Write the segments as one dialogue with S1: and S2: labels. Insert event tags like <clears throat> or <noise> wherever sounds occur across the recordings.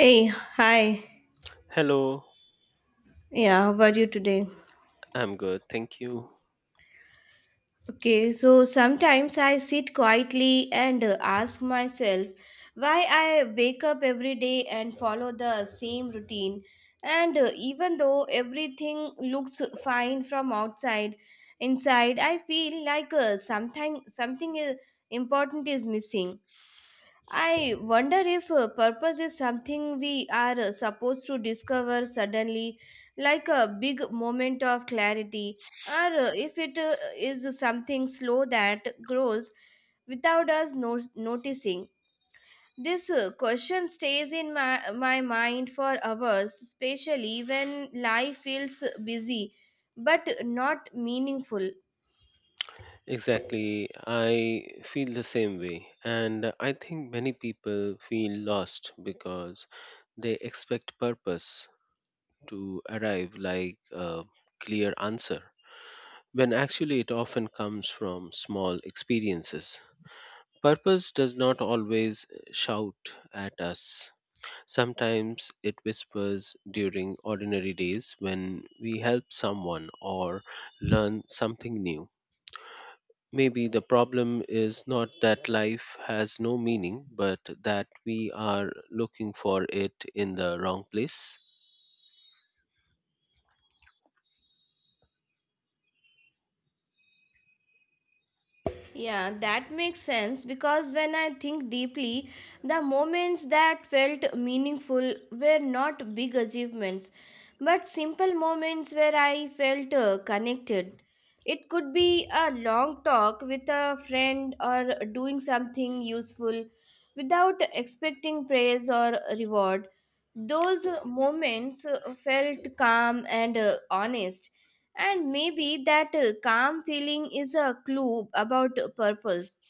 S1: Hey, hi.
S2: Hello,
S1: Yeah, how about you today?
S2: I'm good, thank you.
S1: Okay, so sometimes I sit quietly and ask myself why I wake up every day and follow the same routine. And Even though everything looks fine from outside, inside I feel like something something important is missing. I wonder if purpose is something we are supposed to discover suddenly, like a big moment of clarity, or if it is something slow that grows without us noticing. This question stays in my mind for hours, especially when life feels busy but not meaningful.
S2: Exactly, I feel the same way, and I think many people feel lost because they expect purpose to arrive like a clear answer, when actually it often comes from small experiences. Purpose does not always shout at us. Sometimes it whispers during ordinary days when we help someone or learn something new. Maybe the problem is not that life has no meaning, but that we are looking for it in the wrong place.
S1: Yeah, that makes sense because when I think deeply, the moments that felt meaningful were not big achievements, but simple moments where I felt connected. It could be a long talk with a friend or doing something useful without expecting praise or reward. Those moments felt calm and honest, and maybe that calm feeling is a clue about purpose.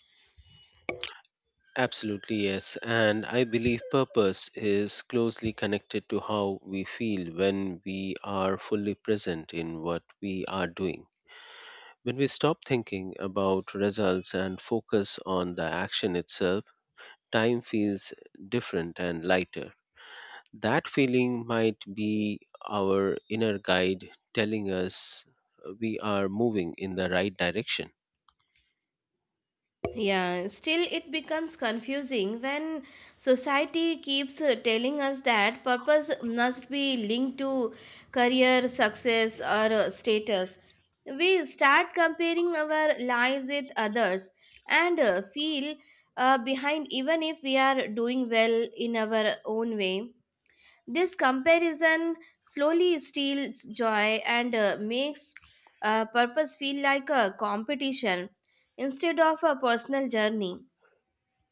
S2: Absolutely, yes. And I believe purpose is closely connected to how we feel when we are fully present in what we are doing. When we stop thinking about results and focus on the action itself, time feels different and lighter. That feeling might be our inner guide telling us we are moving in the right direction.
S1: Yeah, still it becomes confusing when society keeps telling us that purpose must be linked to career, success, or status. We start comparing our lives with others and feel behind even if we are doing well in our own way. This comparison slowly steals joy and makes purpose feel like a competition instead of a personal journey.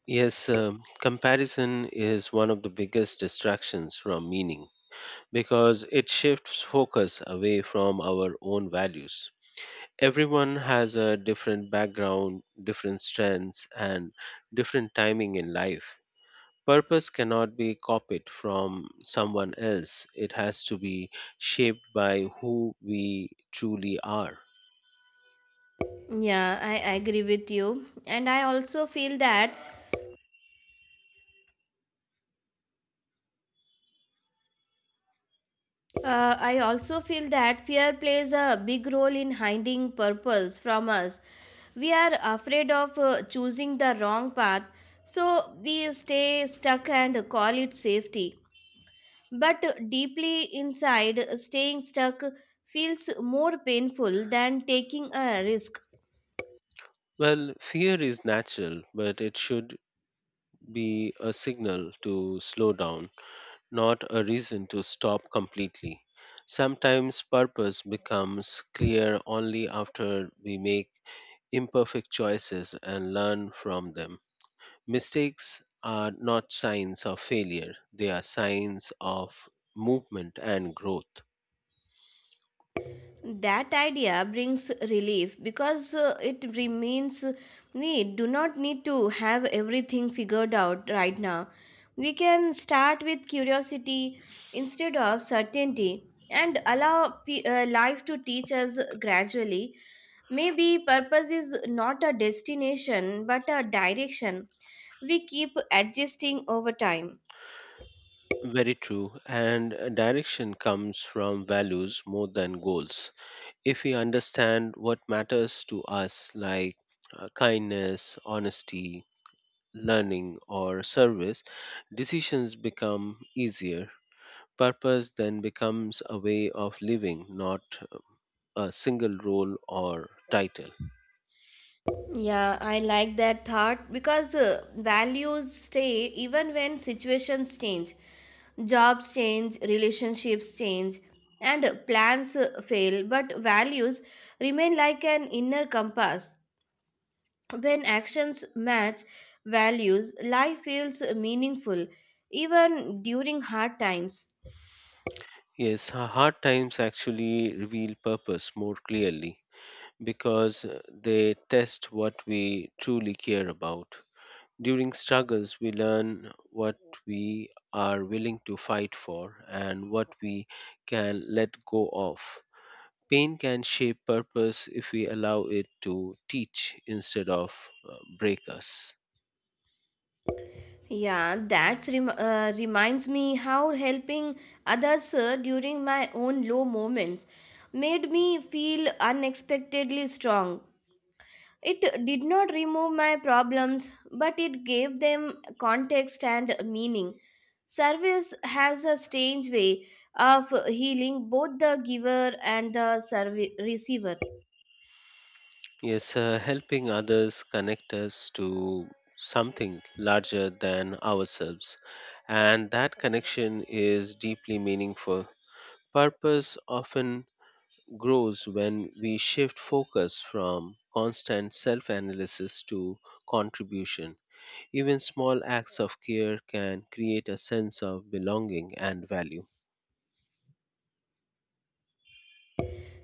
S2: Yes, comparison is one of the biggest distractions from meaning because it shifts focus away from our own values. Everyone has a different background, different strengths, and different timing in life. Purpose cannot be copied from someone else. It has to be shaped by who we truly are.
S1: Yeah, I agree with you, and I also feel that fear plays a big role in hiding purpose from us. We are afraid of choosing the wrong path, so we stay stuck and call it safety. But deeply inside, staying stuck feels more painful than taking a risk.
S2: Well, fear is natural, but it should be a signal to slow down, not a reason to stop completely. Sometimes purpose becomes clear only after we make imperfect choices and learn from them. Mistakes are not signs of failure, they are signs of movement and growth.
S1: That idea brings relief because it remains we do not need to have everything figured out right now. We can start with curiosity instead of certainty and allow life to teach us gradually. Maybe purpose is not a destination but a direction we keep adjusting over time.
S2: Very true. And direction comes from values more than goals. If we understand what matters to us, like kindness, honesty, learning, or service, decisions become easier. Purpose then becomes a way of living, not a single role or title.
S1: Yeah, I like that thought because values stay even when situations change. Jobs change, relationships change, and plans fail, but values remain like an inner compass. When actions match values, life feels meaningful even during hard times.
S2: Yes, hard times actually reveal purpose more clearly because they test what we truly care about. During struggles, we learn what we are willing to fight for and what we can let go of. Pain can shape purpose if we allow it to teach instead of break us.
S1: Yeah, that reminds me how helping others during my own low moments made me feel unexpectedly strong. It did not remove my problems, but it gave them context and meaning. Service has a strange way of healing both the giver and the receiver.
S2: Yes, helping others connect us to something larger than ourselves. And that connection is deeply meaningful. Purpose often grows when we shift focus from constant self analysis to contribution. Even small acts of care can create a sense of belonging and value.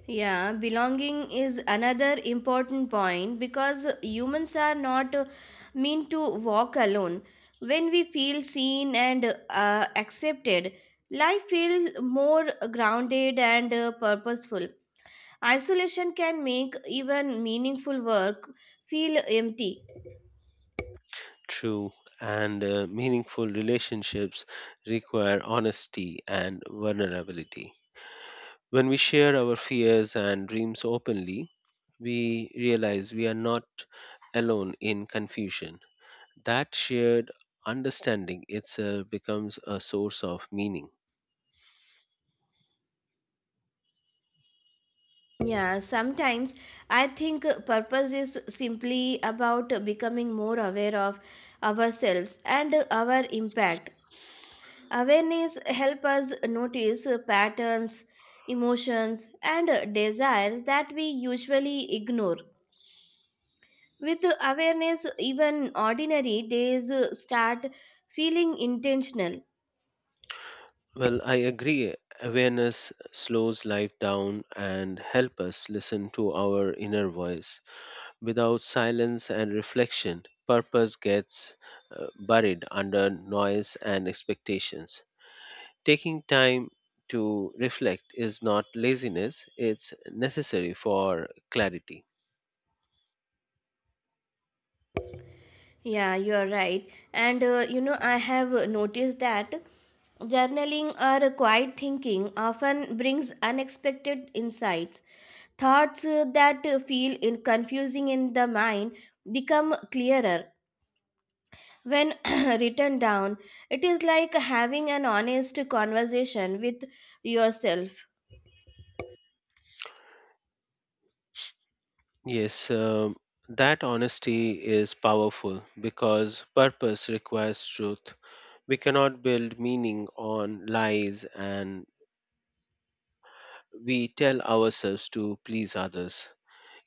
S1: Yeah, belonging is another important point because humans are not meant to walk alone. When we feel seen and accepted, life feels more grounded and purposeful. Isolation can make even meaningful work feel empty.
S2: True, and meaningful relationships require honesty and vulnerability. When we share our fears and dreams openly, we realize we are not alone in confusion. That shared understanding itself becomes a source of meaning.
S1: Yeah, sometimes I think purpose is simply about becoming more aware of ourselves and our impact. Awareness help us notice patterns, emotions and desires that we usually ignore. With awareness even ordinary days start feeling intentional.
S2: Well, I agree. Awareness slows life down and helps us listen to our inner voice. Without silence and reflection, purpose gets buried under noise and expectations. Taking time to reflect is not laziness, it's necessary for clarity.
S1: Yeah, you are right. And I have noticed that journaling or quiet thinking often brings unexpected insights. Thoughts that feel in confusing in the mind become clearer when <clears throat> written down, it is like having an honest conversation with yourself.
S2: Yes, that honesty is powerful because purpose requires truth. We cannot build meaning on lies and we tell ourselves to please others.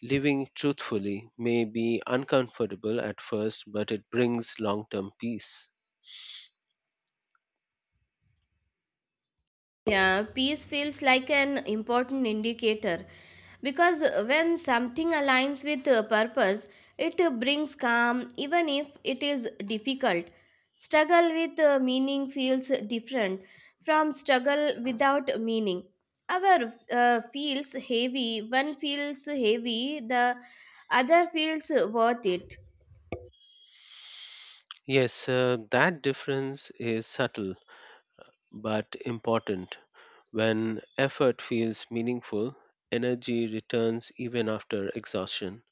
S2: Living truthfully may be uncomfortable at first, but it brings long term peace.
S1: Yeah, peace feels like an important indicator because when something aligns with a purpose, it brings calm even if it is difficult. Struggle with meaning feels different from struggle without meaning. One feels heavy, the other feels worth it.
S2: Yes, that difference is subtle but important. When effort feels meaningful, energy returns even after exhaustion.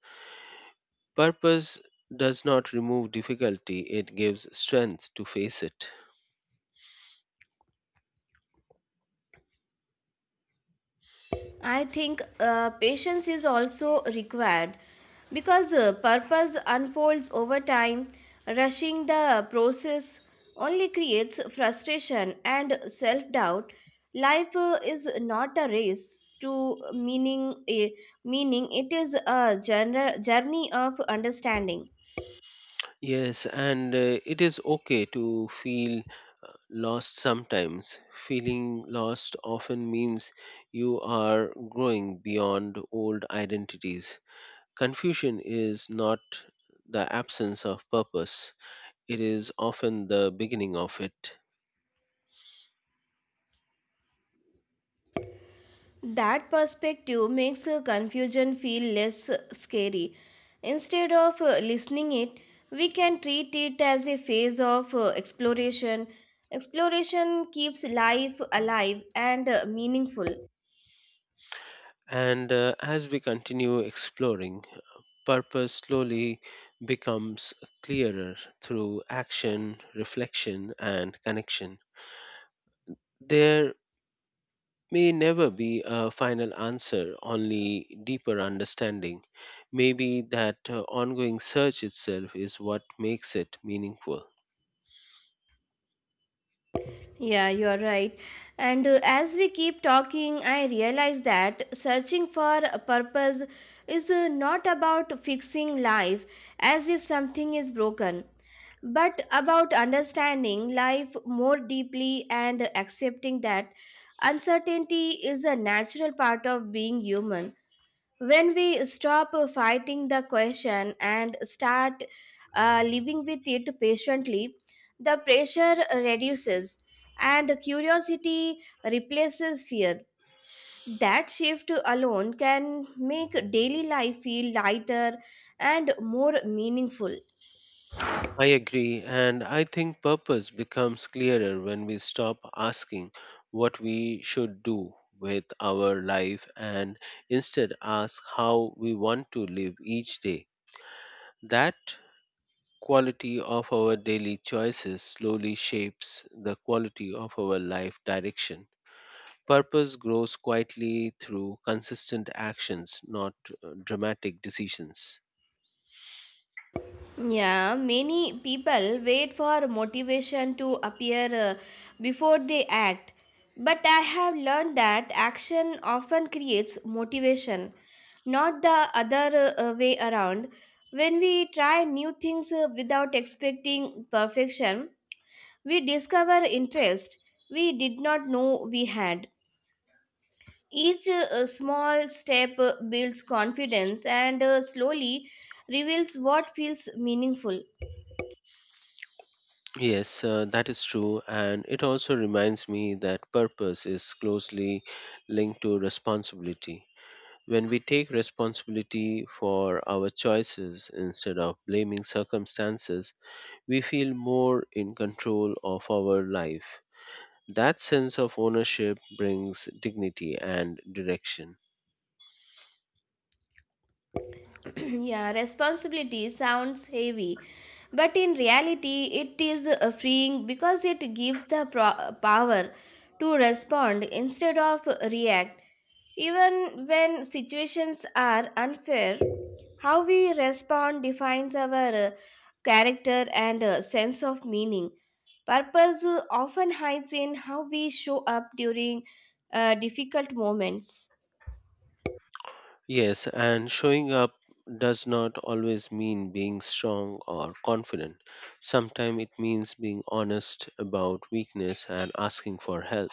S2: Purpose does not remove difficulty, it gives strength to face it.
S1: I think patience is also required because purpose unfolds over time. Rushing the process only creates frustration and self doubt. Life is not a race to meaning, it is a journey of understanding.
S2: Yes, and it is okay to feel lost sometimes. Feeling lost often means you are growing beyond old identities. Confusion is not the absence of purpose, it is often the beginning of it.
S1: That perspective makes confusion feel less scary. Instead of listening it, we can treat it as a phase of exploration. Exploration keeps life alive and meaningful.
S2: And as we continue exploring, purpose slowly becomes clearer through action, reflection, and connection. There may never be a final answer, only deeper understanding. Maybe that ongoing search itself is what makes it meaningful.
S1: Yeah, you are right. And as we keep talking, I realize that searching for a purpose is not about fixing life as if something is broken, but about understanding life more deeply and accepting that uncertainty is a natural part of being human. When we stop fighting the question and start living with it patiently, the pressure reduces and curiosity replaces fear. That shift alone can make daily life feel lighter and more meaningful.
S2: I agree, and I think purpose becomes clearer when we stop asking what we should do with our life and instead ask how we want to live each day. That quality of our daily choices slowly shapes the quality of our life direction. Purpose grows quietly through consistent actions, not dramatic decisions.
S1: Yeah, many people wait for motivation to appear before they act. But I have learned that action often creates motivation, not the other way around. When we try new things without expecting perfection, we discover interest we did not know we had. Each small step builds confidence and slowly reveals what feels meaningful.
S2: Yes, that is true. And it also reminds me that purpose is closely linked to responsibility. When we take responsibility for our choices instead of blaming circumstances, we feel more in control of our life. That sense of ownership brings dignity and direction.
S1: <clears throat> Yeah, responsibility sounds heavy, but in reality, it is freeing because it gives the power to respond instead of react. Even when situations are unfair, how we respond defines our uh, character and sense of meaning. Purpose often hides in how we show up during difficult moments.
S2: Yes, and showing up does not always mean being strong or confident. Sometimes it means being honest about weakness and asking for help.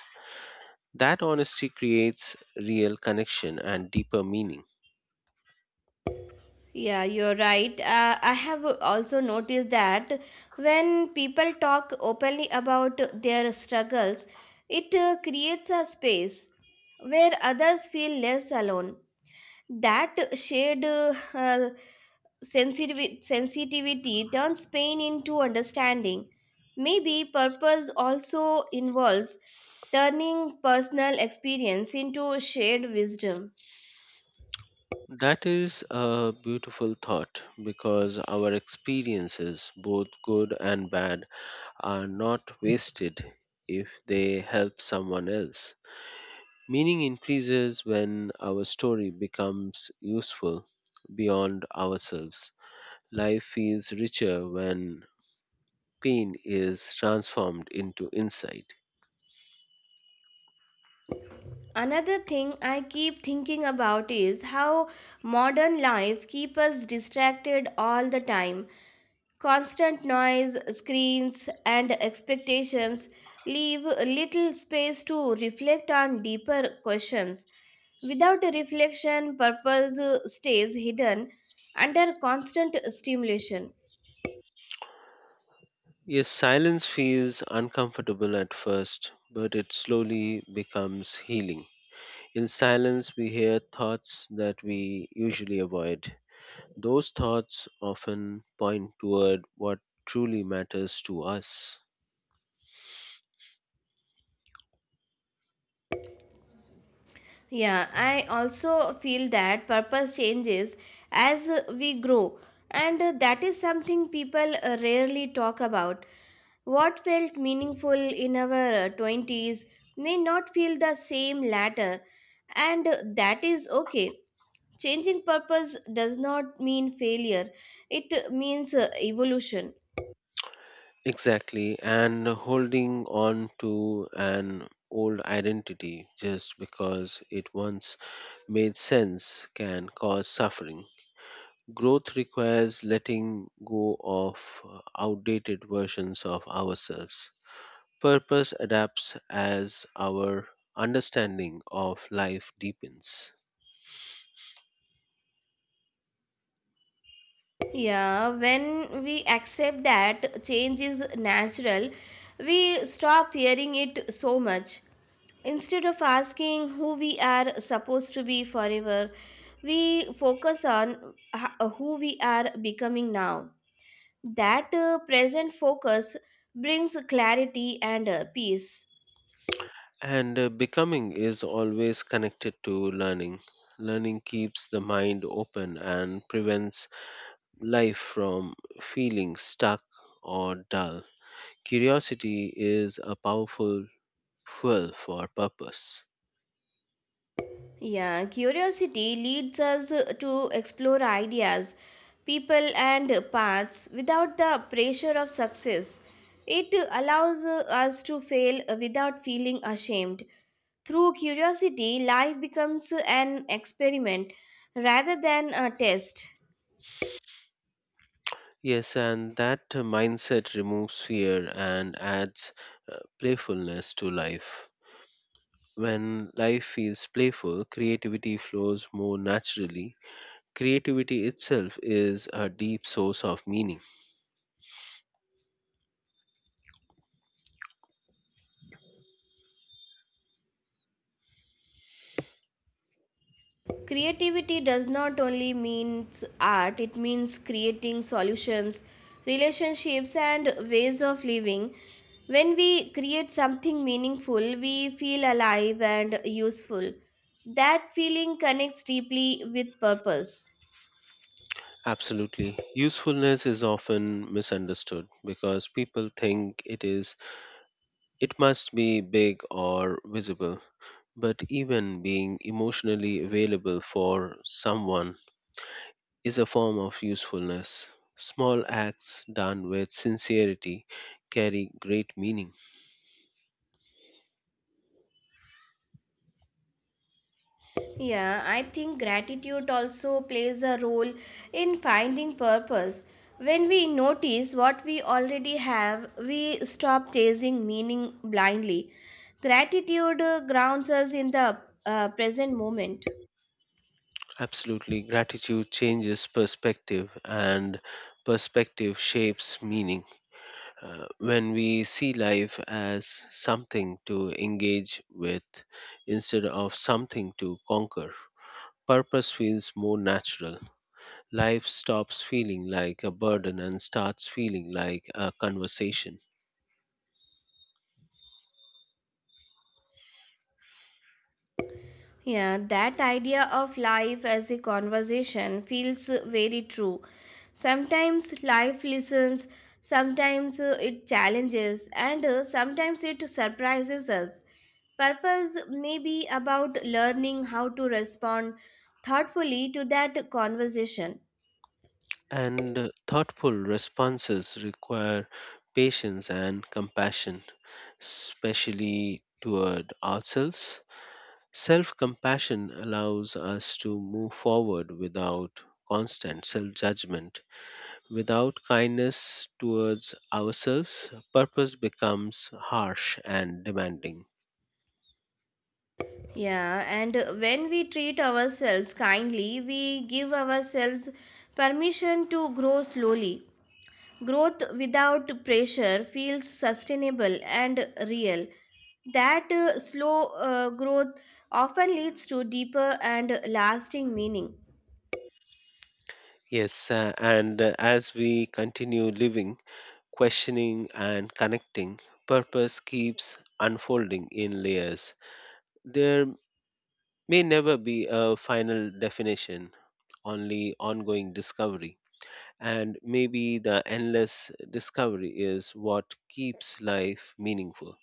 S2: That honesty creates real connection and deeper meaning.
S1: Yeah, you're right. I have also noticed that when people talk openly about their struggles, it creates a space where others feel less alone. That shared sensitivity turns pain into understanding. Maybe purpose also involves turning personal experience into shared wisdom.
S2: That is a beautiful thought because our experiences, both good and bad, are not wasted if they help someone else. Meaning increases when our story becomes useful beyond ourselves. Life feels richer when pain is transformed into insight.
S1: Another thing I keep thinking about is how modern life keeps us distracted all the time. Constant noise, screens, and expectations leave little space to reflect on deeper questions. Without a reflection, purpose stays hidden under constant stimulation.
S2: Yes, silence feels uncomfortable at first, but it slowly becomes healing. In silence, we hear thoughts that we usually avoid. Those thoughts often point toward what truly matters to us.
S1: Yeah, I also feel that purpose changes as we grow, and that is something people rarely talk about. What felt meaningful in our 20s may not feel the same later, and that is okay. Changing purpose does not mean failure, it means evolution.
S2: Exactly, and holding on to an old identity just because it once made sense can cause suffering. Growth requires letting go of outdated versions of ourselves. Purpose adapts as our understanding of life deepens.
S1: Yeah, when we accept that change is natural, we stop fearing it so much. Instead of asking who we are supposed to be forever, we focus on who we are becoming now. That present focus brings clarity and peace.
S2: And becoming is always connected to learning. Learning keeps the mind open and prevents life from feeling stuck or dull. Curiosity is a powerful fuel for purpose.
S1: Yeah, curiosity leads us to explore ideas, people, and paths without the pressure of success. It allows us to fail without feeling ashamed. Through curiosity, life becomes an experiment rather than a test.
S2: Yes, and that mindset removes fear and adds playfulness to life. When life feels playful, creativity flows more naturally. Creativity itself is a deep source of meaning.
S1: Creativity does not only mean art, it means creating solutions, relationships, and ways of living. When we create something meaningful, we feel alive and useful. That feeling connects deeply with purpose.
S2: Absolutely. Usefulness is often misunderstood because people think it must be big or visible, but even being emotionally available for someone is a form of usefulness. Small acts done with sincerity carry great meaning.
S1: Yeah, I think gratitude also plays a role in finding purpose. When we notice what we already have, we stop chasing meaning blindly. Gratitude grounds us in the present moment.
S2: Absolutely, gratitude changes perspective, and perspective shapes meaning. When we see life as something to engage with instead of something to conquer, purpose feels more natural. Life stops feeling like a burden and starts feeling like a conversation.
S1: Yeah, that idea of life as a conversation feels very true. Sometimes life listens, sometimes it challenges, and sometimes it surprises us. Purpose may be about learning how to respond thoughtfully to that conversation.
S2: And thoughtful responses require patience and compassion, especially toward ourselves. Self compassion allows us to move forward without constant self judgment. Without kindness towards ourselves, purpose becomes harsh and demanding.
S1: Yeah, and when we treat ourselves kindly, we give ourselves permission to grow slowly. Growth without pressure feels sustainable and real. That slow growth often leads to deeper and lasting meaning.
S2: Yes, and as we continue living, questioning and connecting, purpose keeps unfolding in layers. There may never be a final definition, only ongoing discovery. And maybe the endless discovery is what keeps life meaningful.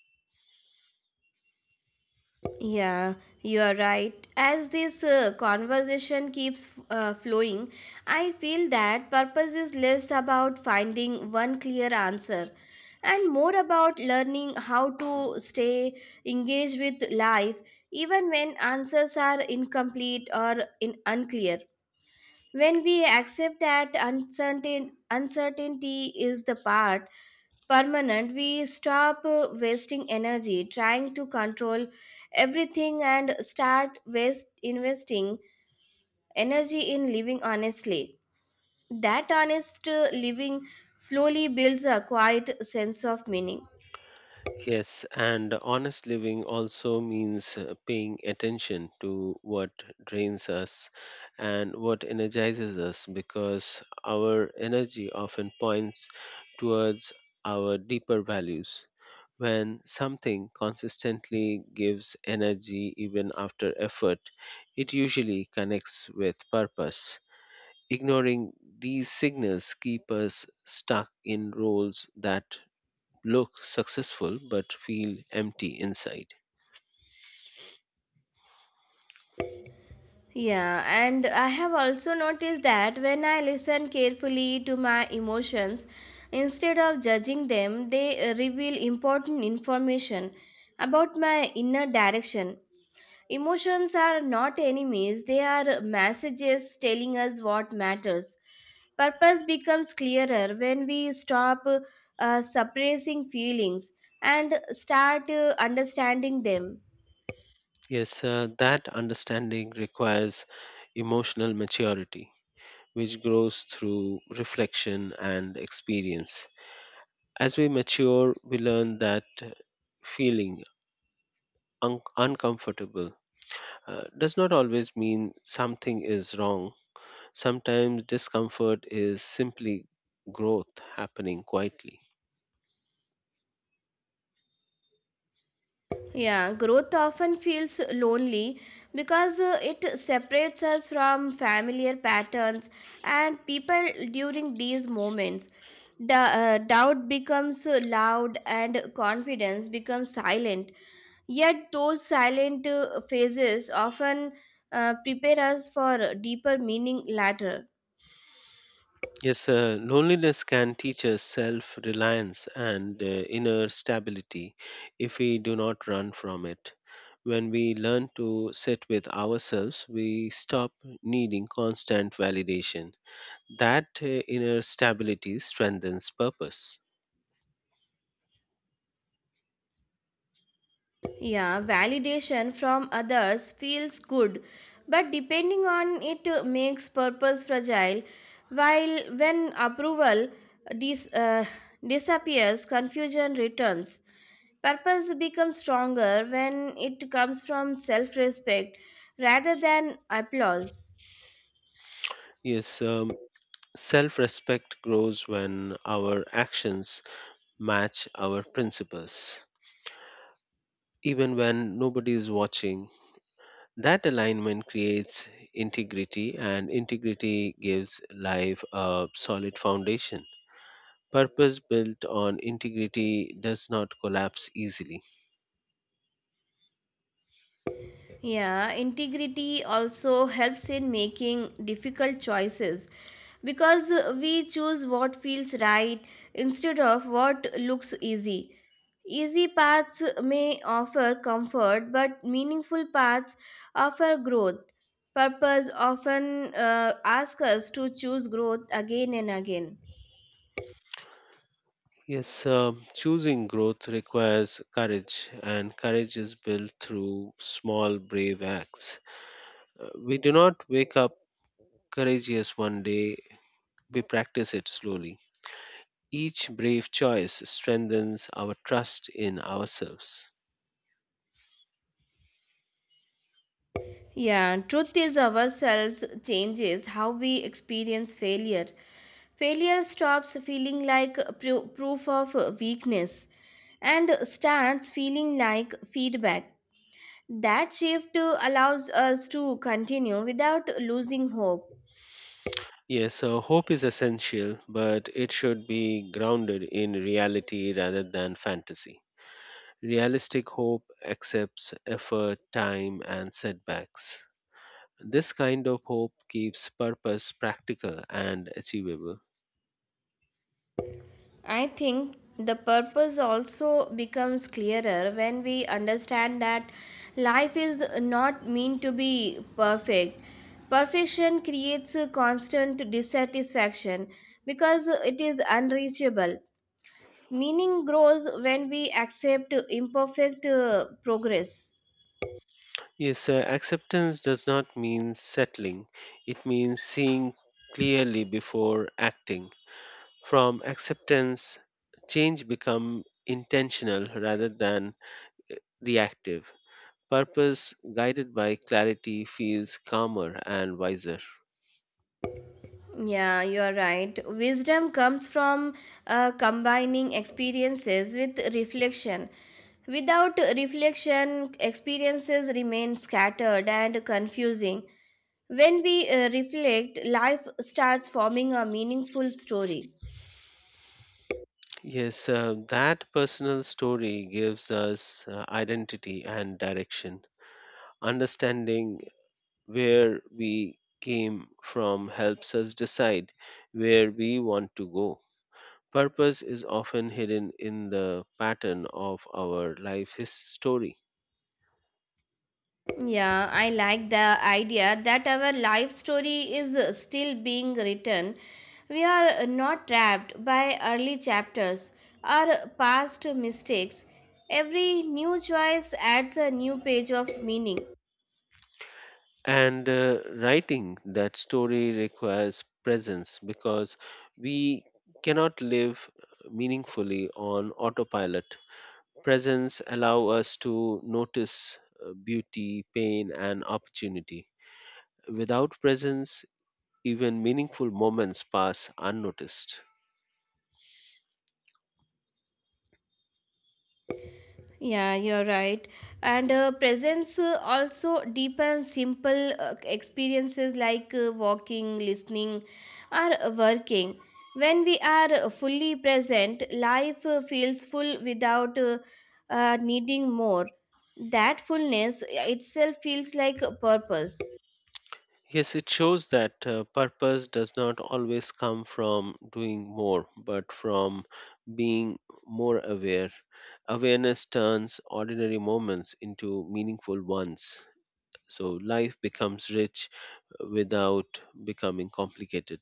S1: Yeah, you are right. As this conversation keeps flowing, I feel that purpose is less about finding one clear answer and more about learning how to stay engaged with life even when answers are incomplete or in unclear. When we accept that uncertainty is the part permanent, we stop wasting energy trying to control everything and start investing energy in living honestly. That honest living slowly builds a quiet sense of meaning.
S2: Yes, and honest living also means paying attention to what drains us and what energizes us because our energy often points towards our deeper values. When something consistently gives energy even after effort, it usually connects with purpose. Ignoring these signals keep us stuck in roles that look successful but feel empty inside.
S1: Yeah, and I have also noticed that when I listen carefully to my emotions, instead of judging them, they reveal important information about my inner direction. Emotions are not enemies, they are messages telling us what matters. Purpose becomes clearer when we stop suppressing feelings and start understanding them.
S2: Yes, that understanding requires emotional maturity, which grows through reflection and experience. As we mature, we learn that feeling uncomfortable does not always mean something is wrong. Sometimes discomfort is simply growth happening quietly.
S1: Yeah, growth often feels lonely because it separates us from familiar patterns and people during these moments. The, doubt becomes loud and confidence becomes silent. Yet, those silent phases often prepare us for deeper meaning later.
S2: Yes, loneliness can teach us self reliance and inner stability if we do not run from it. When we learn to sit with ourselves, we stop needing constant validation. That inner stability strengthens purpose.
S1: Yeah, validation from others feels good, but depending on it makes purpose fragile, while when approval dis- uh, disappears, confusion returns. Purpose becomes stronger when it comes from self respect rather than applause.
S2: Yes, self respect grows when our actions match our principles. Even when nobody is watching, that alignment creates integrity, and integrity gives life a solid foundation. Purpose built on integrity does not collapse easily.
S1: Yeah, integrity also helps in making difficult choices because we choose what feels right instead of what looks easy. Easy paths may offer comfort, but meaningful paths offer growth. Purpose often asks us to choose growth again and again.
S2: Yes, choosing growth requires courage, and courage is built through small, brave acts. We do not wake up courageous one day, we practice it slowly. Each brave choice strengthens our trust in ourselves.
S1: Yeah, truth is ourselves changes how we experience failure. Failure stops feeling like proof of weakness and starts feeling like feedback. That shift allows us to continue without losing hope.
S2: Yes, so hope is essential, but it should be grounded in reality rather than fantasy. Realistic hope accepts effort, time, and setbacks. This kind of hope keeps purpose practical and achievable.
S1: I think the purpose also becomes clearer when we understand that life is not meant to be perfect. Perfection creates a constant dissatisfaction because it is unreachable. Meaning grows when we accept imperfect progress.
S2: Yes, acceptance does not mean settling, it means seeing clearly before acting. From acceptance, change becomes intentional rather than reactive. Purpose guided by clarity feels calmer and wiser.
S1: Yeah, you are right. Wisdom comes from combining experiences with reflection. Without reflection, experiences remain scattered and confusing. When we reflect, life starts forming a meaningful story.
S2: Yes, that personal story gives us identity and direction. Understanding where we came from helps us decide where we want to go. Purpose is often hidden in the pattern of our life his story.
S1: Yeah, I like the idea that our life story is still being written. We are not trapped by early chapters or past mistakes. Every new choice adds a new page of meaning.
S2: And writing that story requires presence because we cannot live meaningfully on autopilot. Presence allow us to notice beauty, pain, and opportunity. Without presence, even meaningful moments pass unnoticed.
S1: Yeah, you're right. And presence also deepen simple experiences like walking, listening, or working. When we are fully present, life feels full without needing more. That fullness itself feels like a purpose.
S2: Yes, it shows that purpose does not always come from doing more, but from being more aware. Awareness turns ordinary moments into meaningful ones. So life becomes rich without becoming complicated.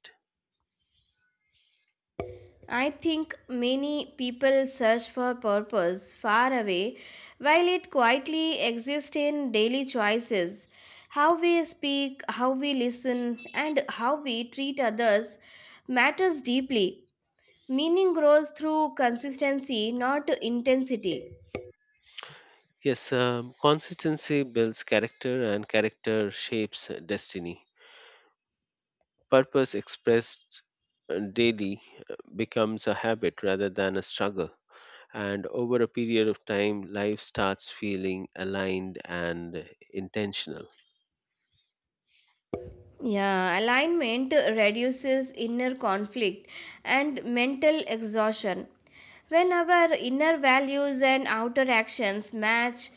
S1: I think many people search for purpose far away while it quietly exists in daily choices. How we speak, how we listen, and how we treat others matters deeply. Meaning grows through consistency, not intensity.
S2: Yes, consistency builds character, and character shapes destiny. Purpose expressed daily becomes a habit rather than a struggle. And over a period of time, life starts feeling aligned and intentional.
S1: Yeah, alignment reduces inner conflict and mental exhaustion. When our inner values and outer actions match,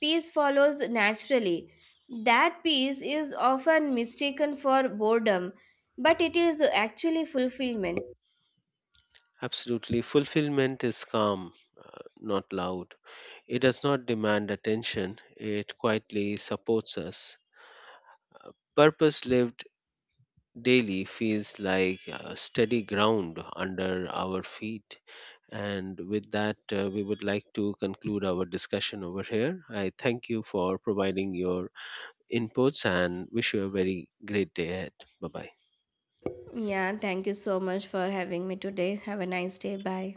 S1: peace follows naturally. That peace is often mistaken for boredom, but it is actually fulfillment.
S2: Absolutely, fulfillment is calm, not loud. It does not demand attention, it quietly supports us. Purpose lived daily feels like a steady ground under our feet. And with that, we would like to conclude our discussion over here. I thank you for providing your inputs and wish you a very great day ahead. Bye bye.
S1: Yeah, thank you so much for having me today. Have a nice day. Bye.